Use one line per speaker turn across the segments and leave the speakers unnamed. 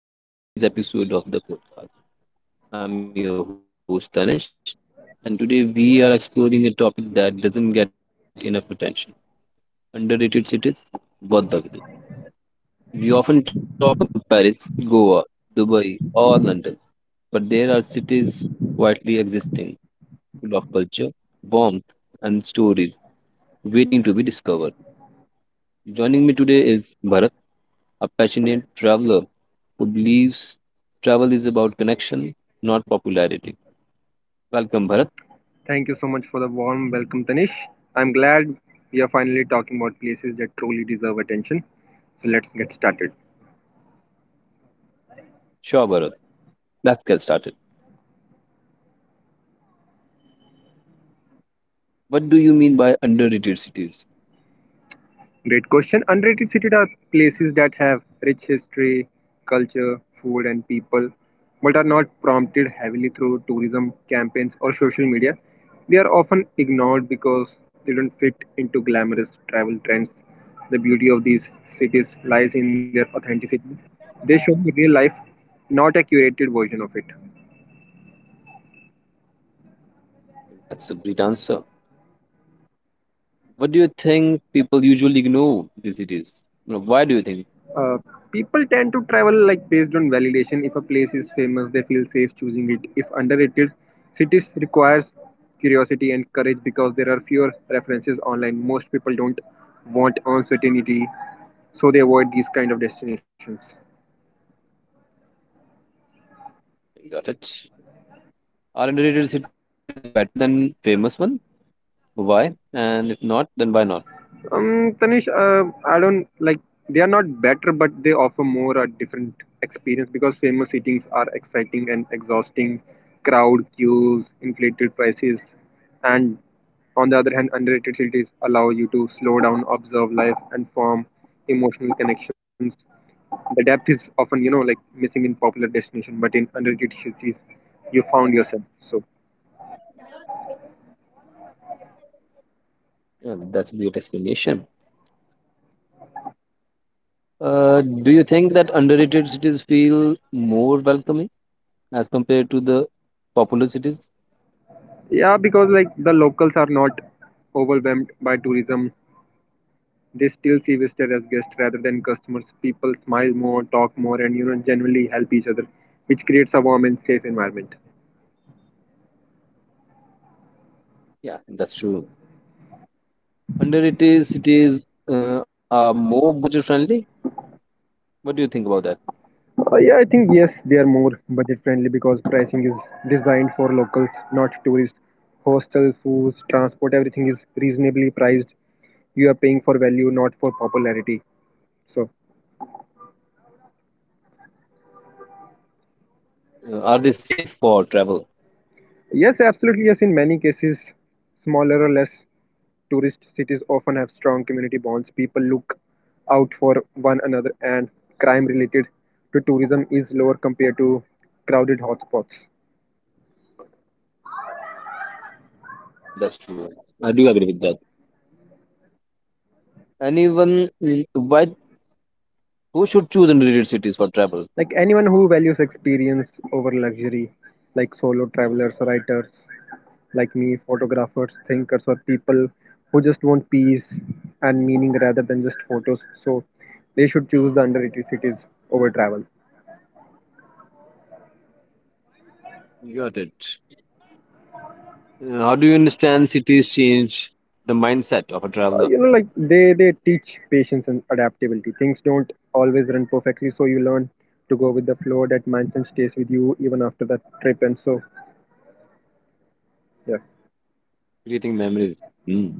Hello, everyone, and welcome to today's episode of the podcast. I'm your host, Tanish, and today we are exploring a topic that doesn't get enough attention: underrated cities worth the visit. We often talk about Paris, Goa, Dubai, or London, but there are cities quietly existing, full of culture, warmth, and stories waiting to be discovered. Joining me today is Bharat, a passionate traveler who believes travel is about connection, not popularity. Welcome, Bharat.
Thank you so much for the warm welcome, Tanish. I'm glad we are finally talking about places that truly deserve attention. So let's get started.
Sure, Bharat. Let's get started. What do you mean by underrated cities?
Great question. Underrated cities are places that have rich history, culture, food, and people, but are not prompted heavily through tourism campaigns or social media. They are often ignored because they don't fit into glamorous travel trends. The beauty of these cities lies in their authenticity. They show the real life, not a curated version of it.
That's a great answer. What do you think people usually ignore these cities? You know, Why do you think
Uh, People tend to travel like based on validation. If a place is famous, they feel safe choosing it. If underrated, cities requires curiosity and courage because there are fewer references online. Most people don't want uncertainty, so they avoid these kind of destinations.
got it? Are underrated cities better than famous one? Why? And if not, then why not?
Tanish, I don't like they are not better, but they offer more a different experience because famous eatings are exciting and exhausting, crowd queues, inflated prices, and on the other hand, underrated cities allow you to slow down, observe life, and form emotional connections. The depth is often, like missing in popular destination, but in underrated cities, you found yourself. So
Yeah, that's a great explanation. Do you think that underrated cities feel more welcoming as compared to the popular cities?
yeah, because like the locals are not overwhelmed by tourism. They still see visitors as guests rather than customers. People smile more, talk more, and generally help each other, which creates a warm and safe environment.
Yeah, that's true. Underrated cities are more budget friendly. What do you think about that?
Yeah, I think yes, they are more budget friendly because pricing is designed for locals, not tourists. Hostel, foods, transport, everything is reasonably priced. You are paying for value, not for popularity. So.
Are they safe for travel?
Yes, absolutely. Yes, in many cases, smaller or less tourist cities often have strong community bonds. People look out for one another, and crime related to tourism is lower compared to crowded hotspots.
And that's true. I do agree with that. And even mm, why who should choose underrated cities for travel?
Like anyone who values experience over luxury, like solo travelers, writers like me, photographers, thinkers, or people who just want peace and meaning rather than just photos. So they should choose the underrated cities over travel.
Got it. How do you understand cities change the mindset of a traveler,
Like they teach patience and adaptability. Things don't always run perfectly, so you learn to go with the flow. That mindset stays with you even after that trip, and so yeah.
creating memories? Mm.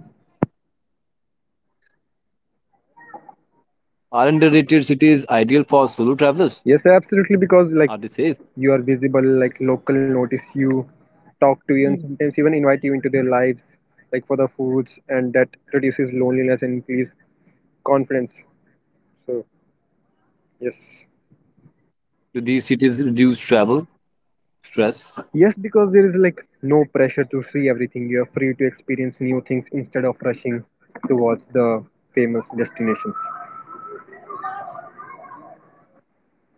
Are underrated cities ideal for solo travelers?
Yes, absolutely, because like
Are they safe?
you are visible, like local notice you, talk to you, and
Mm.
sometimes even invite you into their lives, like for the foods, and that reduces loneliness and increase confidence, so yes.
Do these cities reduce travel stress?
Yes, because there is like no pressure to see everything. You are free to experience new things instead of rushing towards the famous destinations.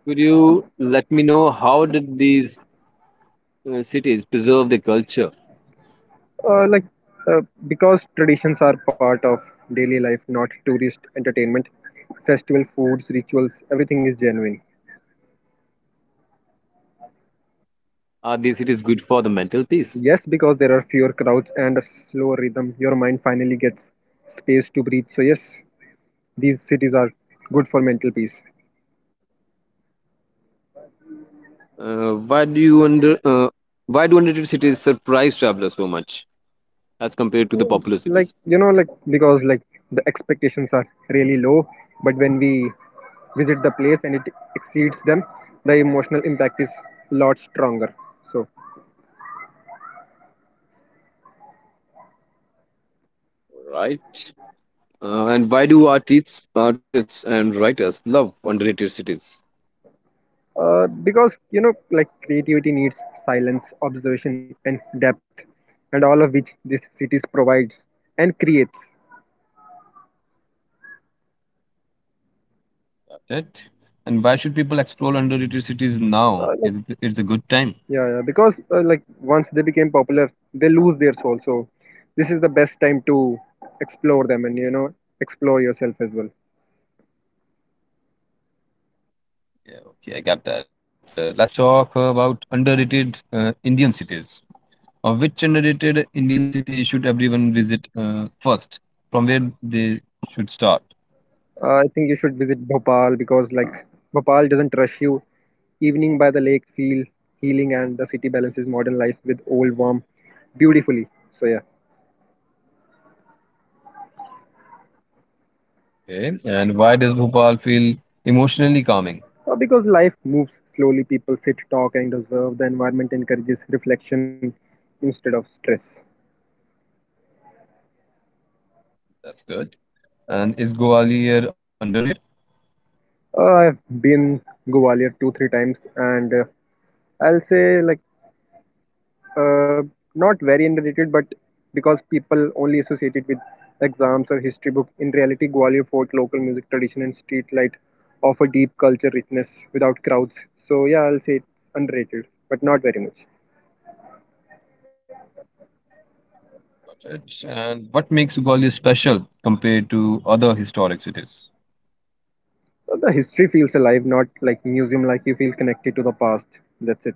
Could you let me know how did these cities preserve the culture?
Like uh, because traditions are part of daily life, not tourist entertainment. Festival foods, rituals, everything is genuine.
Are these cities good for the mental peace?
Yes, because there are fewer crowds and a slower rhythm, your mind finally gets space to breathe. So yes, these cities are good for mental peace.
Uh, why do you under uh, why do underrated cities surprise travelers so much as compared to the popular
Like
cities?
like because like the expectations are really low, but when we visit the place and it exceeds them, the emotional impact is a lot stronger, so.
Right. And why do artists and writers love underrated cities?
Because like creativity needs silence, observation, and depth, and all of which this cities provides and creates.
Got it. And why should people explore underrated cities now? It's a good time.
Yeah, yeah, because like once they became popular they lose their soul, so this is the best time to explore them and explore yourself as well.
Yeah, okay, I got that. Let's talk about underrated Indian cities. Or which underrated Indian city should everyone visit first? From where they should start?
I think you should visit Bhopal because like Bhopal doesn't rush you. Evening by the lake feel healing, and the city balances modern life with old warmth beautifully. So yeah.
Okay. And why does Bhopal feel emotionally calming?
Because life moves slowly, people sit, talk, and observe. The environment encourages reflection instead of stress.
That's good. And is Gwalior underrated?
I've been Gwalior two three times and I'll say like Uh, not very underrated, but because people only associate it with exams or history book, in reality, Gwalior Fort, local music tradition, and street light offer deep culture richness without crowds. So, yeah, I'll say it's underrated, but not very much.
Got it. And what makes Gwalior special compared to other historic cities?
So the history feels alive, not like museum, like you feel connected to the past. That's it.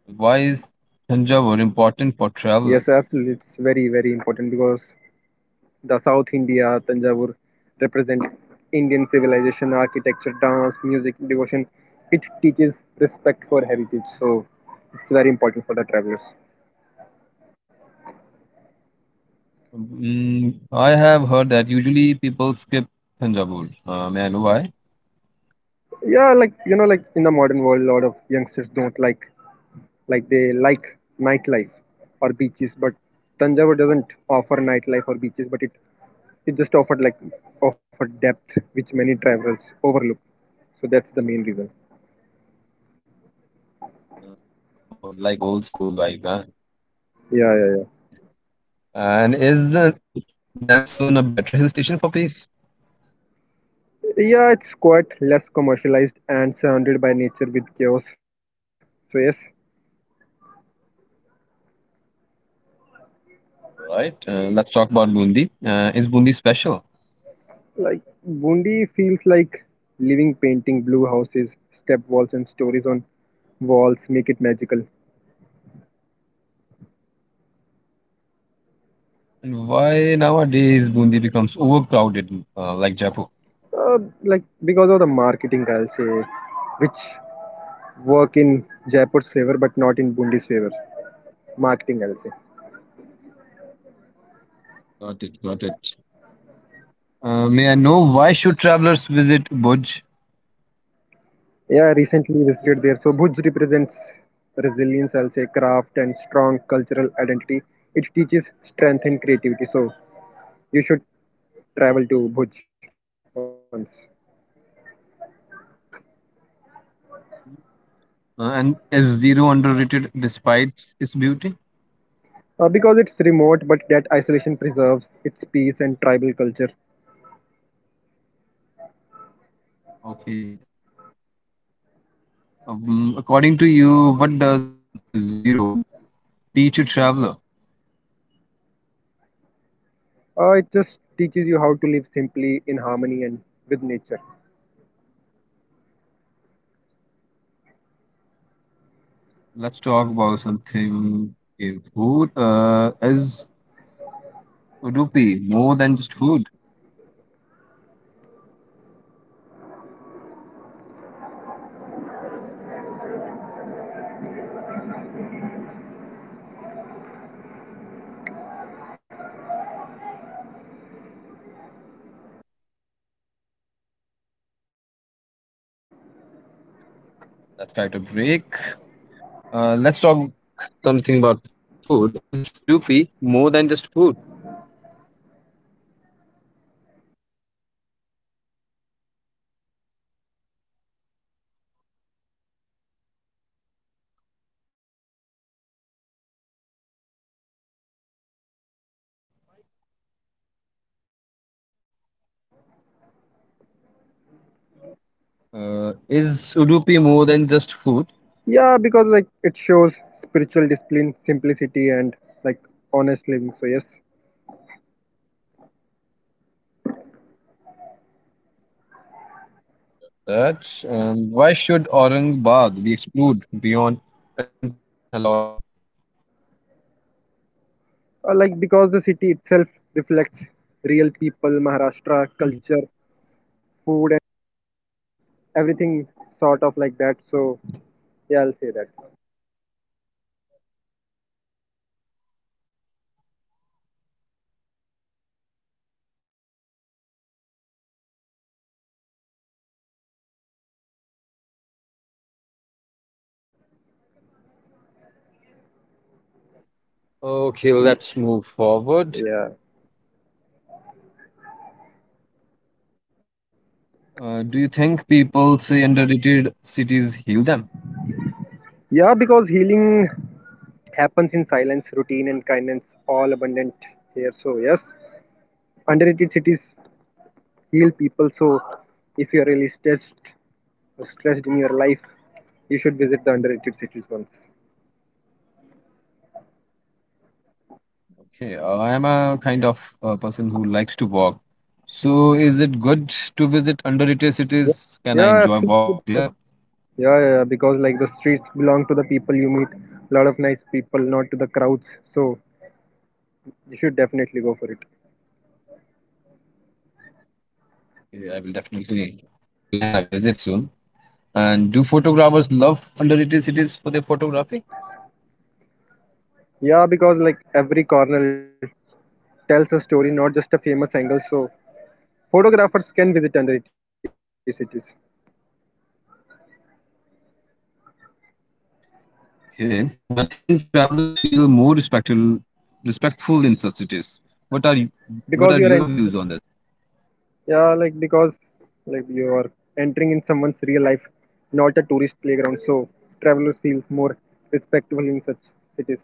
Why is Thanjavur important for travelers?
Yes, absolutely. It's very, very important because the South India Tanjavur represent Indian civilization, architecture, dance, music, devotion. It teaches respect for heritage, so it's very important for the travelers.
Mm, I have heard that usually people skip Thanjavur. May I know why?
Yeah, like in the modern world, a lot of youngsters don't like they like nightlife or beaches, but Tanjavur doesn't offer nightlife or beaches, but it just offered like offered depth which many travelers overlook. So that's the main reason.
Oh, like old school vibe, huh?
Yeah, yeah, yeah.
And is the Lansdowne a better hill station for peace?
Yeah, it's quite less commercialized and surrounded by nature with chaos. So yes,
Right. Let's talk about Bundi. Is Bundi special?
like Bundi feels like living painting, blue houses, step walls, and stories on walls make it magical.
And why nowadays Bundi becomes overcrowded, like Jaipur?
Uh, like because of the marketing, I'll say, which work in Jaipur's favor but not in Bundi's favor. Marketing, I'll say.
Got it, got it. May I know why should travelers visit Bhuj?
Yeah, I recently visited there. So Bhuj represents resilience, I'll say, craft and strong cultural identity. It teaches strength and creativity. So you should travel to Bhuj once.
And is zero underrated despite its beauty?
Because it's remote, but that isolation preserves its peace and tribal culture.
Okay. According to you, what does zero teach a traveler?
It just teaches you how to live simply in harmony and with nature.
Let's talk about something. Okay, food is Udupi more than just food? Let's try to break. Let's talk something about food. Is Udupi more than just food? 28. Is Udupi more than just food?
Yeah, because like it shows spiritual discipline, simplicity, and like honest living. So yes.
That's why should Aurangabad be explored beyond Ajanta and Ellora?
Like because the city itself reflects real people, Maharashtra culture, food, everything sort of like that. So yeah, I'll say that.
Okay, well, let's move forward.
Yeah.
Do you think people say underrated cities heal them?
Yeah, because healing happens in silence, routine, and kindness, all abundant here. So, yes, underrated cities heal people. So, if you're really stressed or stressed in your life, you should visit the underrated cities once.
Okay, I am a kind of person who likes to walk. So, is it good to visit underrated
Yeah,
cities? Can I
yeah,
enjoy walk
absolutely.
there?
Yeah, yeah, yeah, because like the streets belong to the people you meet, a lot of nice people, not to the crowds. So, you should definitely go for it.
Yeah, I will definitely plan a visit soon. And do photographers love underrated cities for their photography?
Yeah, because like every corner tells a story, not just a famous angle. So, photographers can visit underrated cities
Okay, I think travelers feel more respectful in such cities. What are you,
because
what
you
are
are entering.
your views on this?
Yeah, like because like you are entering in someone's real life, not a tourist playground. So traveler feels more respectable in such cities.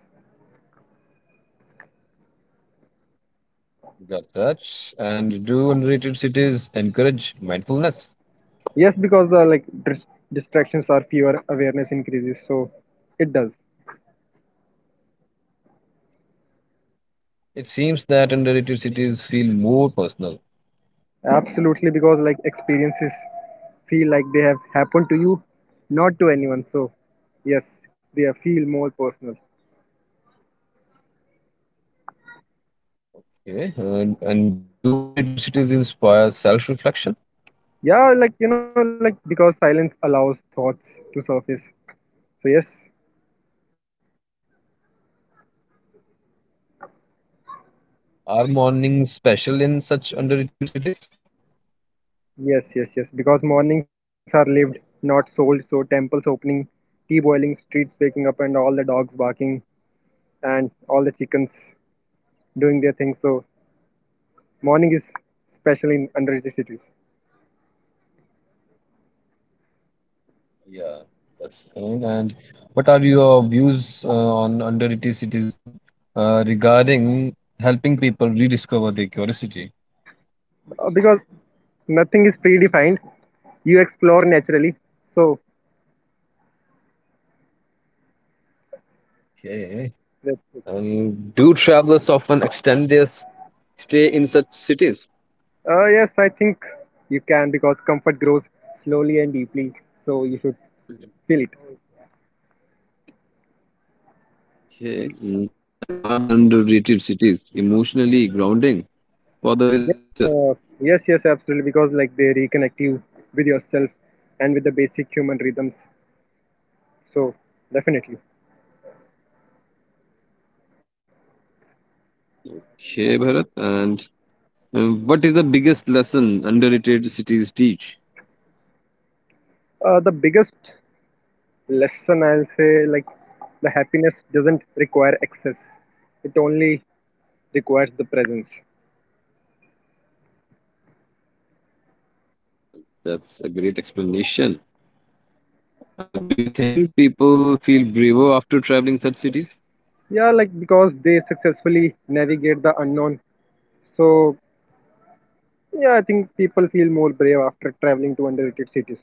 Got that. And do underrated cities encourage mindfulness?
Yes, because the like distractions are fewer, awareness increases. So it does.
It seems that underrated cities feel more personal.
Absolutely, because like experiences feel like they have happened to you, not to anyone. So yes, feel more personal.
Okay, and do underrated cities inspire self-reflection?
Yeah, like because silence allows thoughts to surface. So yes.
Are mornings special in such underrated cities?
Yes, yes, yes. Because mornings are lived, not sold. So temples opening, tea boiling, streets waking up, and all the dogs barking, and all the chickens doing their thing. So morning is special in underrated cities.
Yeah, that's fine. And what are your views on underrated cities regarding helping people rediscover their curiosity?
Because nothing is predefined. You explore naturally. So
Okay,
that's it.
and do travelers often extend their stay in such cities?
Yes, I think you can because comfort grows slowly and deeply. So you should feel it.
Okay, mm, and are the underrated cities emotionally grounding for the
Yes,
visitors?
uh, yes, yes, absolutely. Because like they reconnect you with yourself and with the basic human rhythms. So definitely.
Okay, Bharat, and what is the biggest lesson underrated cities teach?
The biggest lesson I'll say, like the happiness doesn't require excess; it only requires the presence.
That's a great explanation. Do you think people feel braver after traveling such cities?
Yeah, like because they successfully navigate the unknown. So yeah, I think people feel more brave after traveling to underrated cities.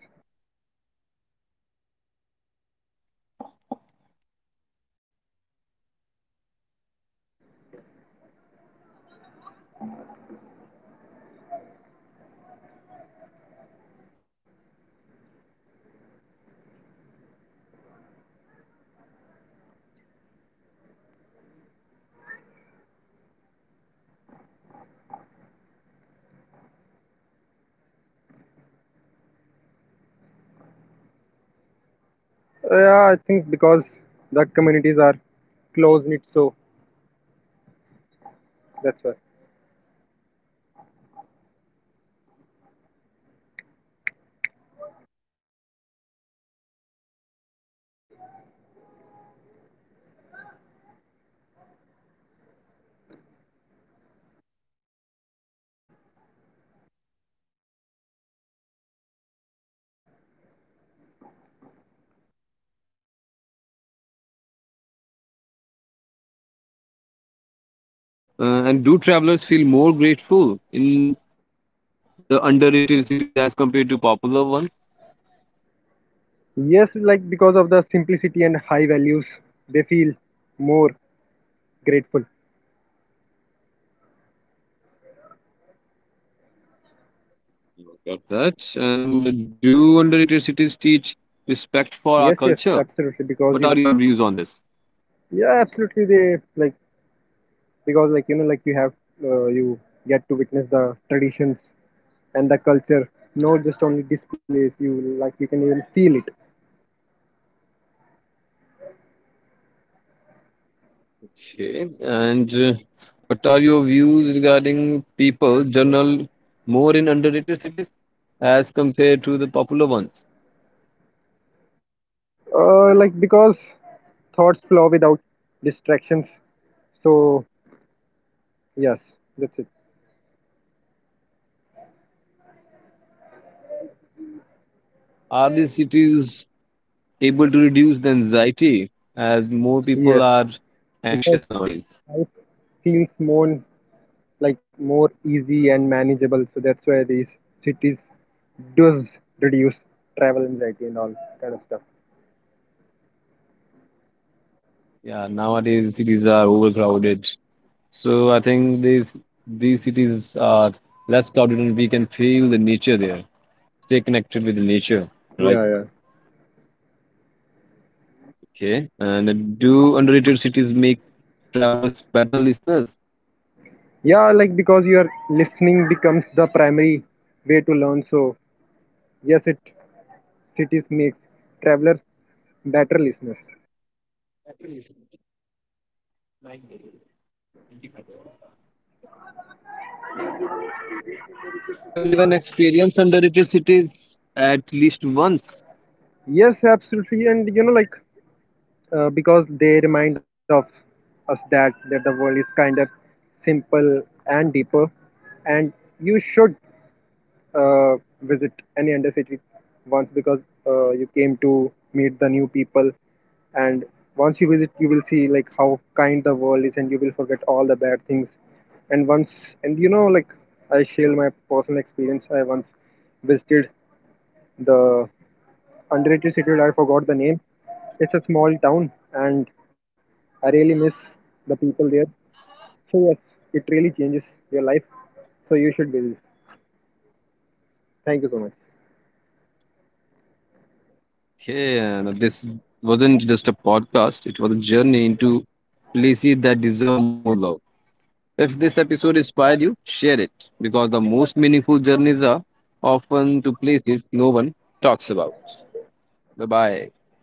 Let's move forward. Is kindness more visible in underrated cities as compared to popular?
Yeah, I think because the communities are close knit, so that's why.
Got it. And do travelers feel more grateful in underrated cities as compared to popular? Mhm. Okay. And do travelers feel more grateful in the underrated cities as compared to popular one?
Yes, like because of the simplicity and high values, they feel more grateful.
Got that. And do underrated cities teach respect for our culture?
Yes, yes,
What
absolutely.
are your
Because you,
views on this?
yeah, absolutely. They like because like you have you get to witness the traditions and the culture, not just only displays. You like you can even feel it.
Okay. And what are your views regarding people general more in underrated cities as compared to the popular ones?
Like because thoughts flow without distractions. So yes, that's it.
Are these cities able to reduce the anxiety as more people are
Yes,
anxious
because
nowadays?
life feels more like more easy and manageable. So that's why these cities does reduce travel anxiety and all kind of stuff.
Yeah, nowadays cities are overcrowded. So I think these cities are less crowded and we can feel the nature there. Stay connected with the nature,
Yeah,
right?
yeah.
Okay. And do underrated cities make travelers better listeners?
Yeah, like because your listening becomes the primary way to learn. So yes, it cities makes travelers better listeners.
Should everyone experience underrated cities at least once?
Yes, absolutely, and like because they remind of us that the world is kinder, simple, and deeper, and you should uh, visit any undercity once because you came to meet the new people, and once you visit you will see like how kind the world is and you will forget all the bad things, and once, and like I share my personal experience. I once visited the underrated city, I forgot the name, it's a small town, and I really miss the people there, so yes, it really changes your life, so you should visit. Thank you so much.
Okay, and this wasn't just a podcast, it was a journey into places that deserve more love. If this episode inspired you, share it because the most meaningful journeys are often to places no one talks about. Bye bye.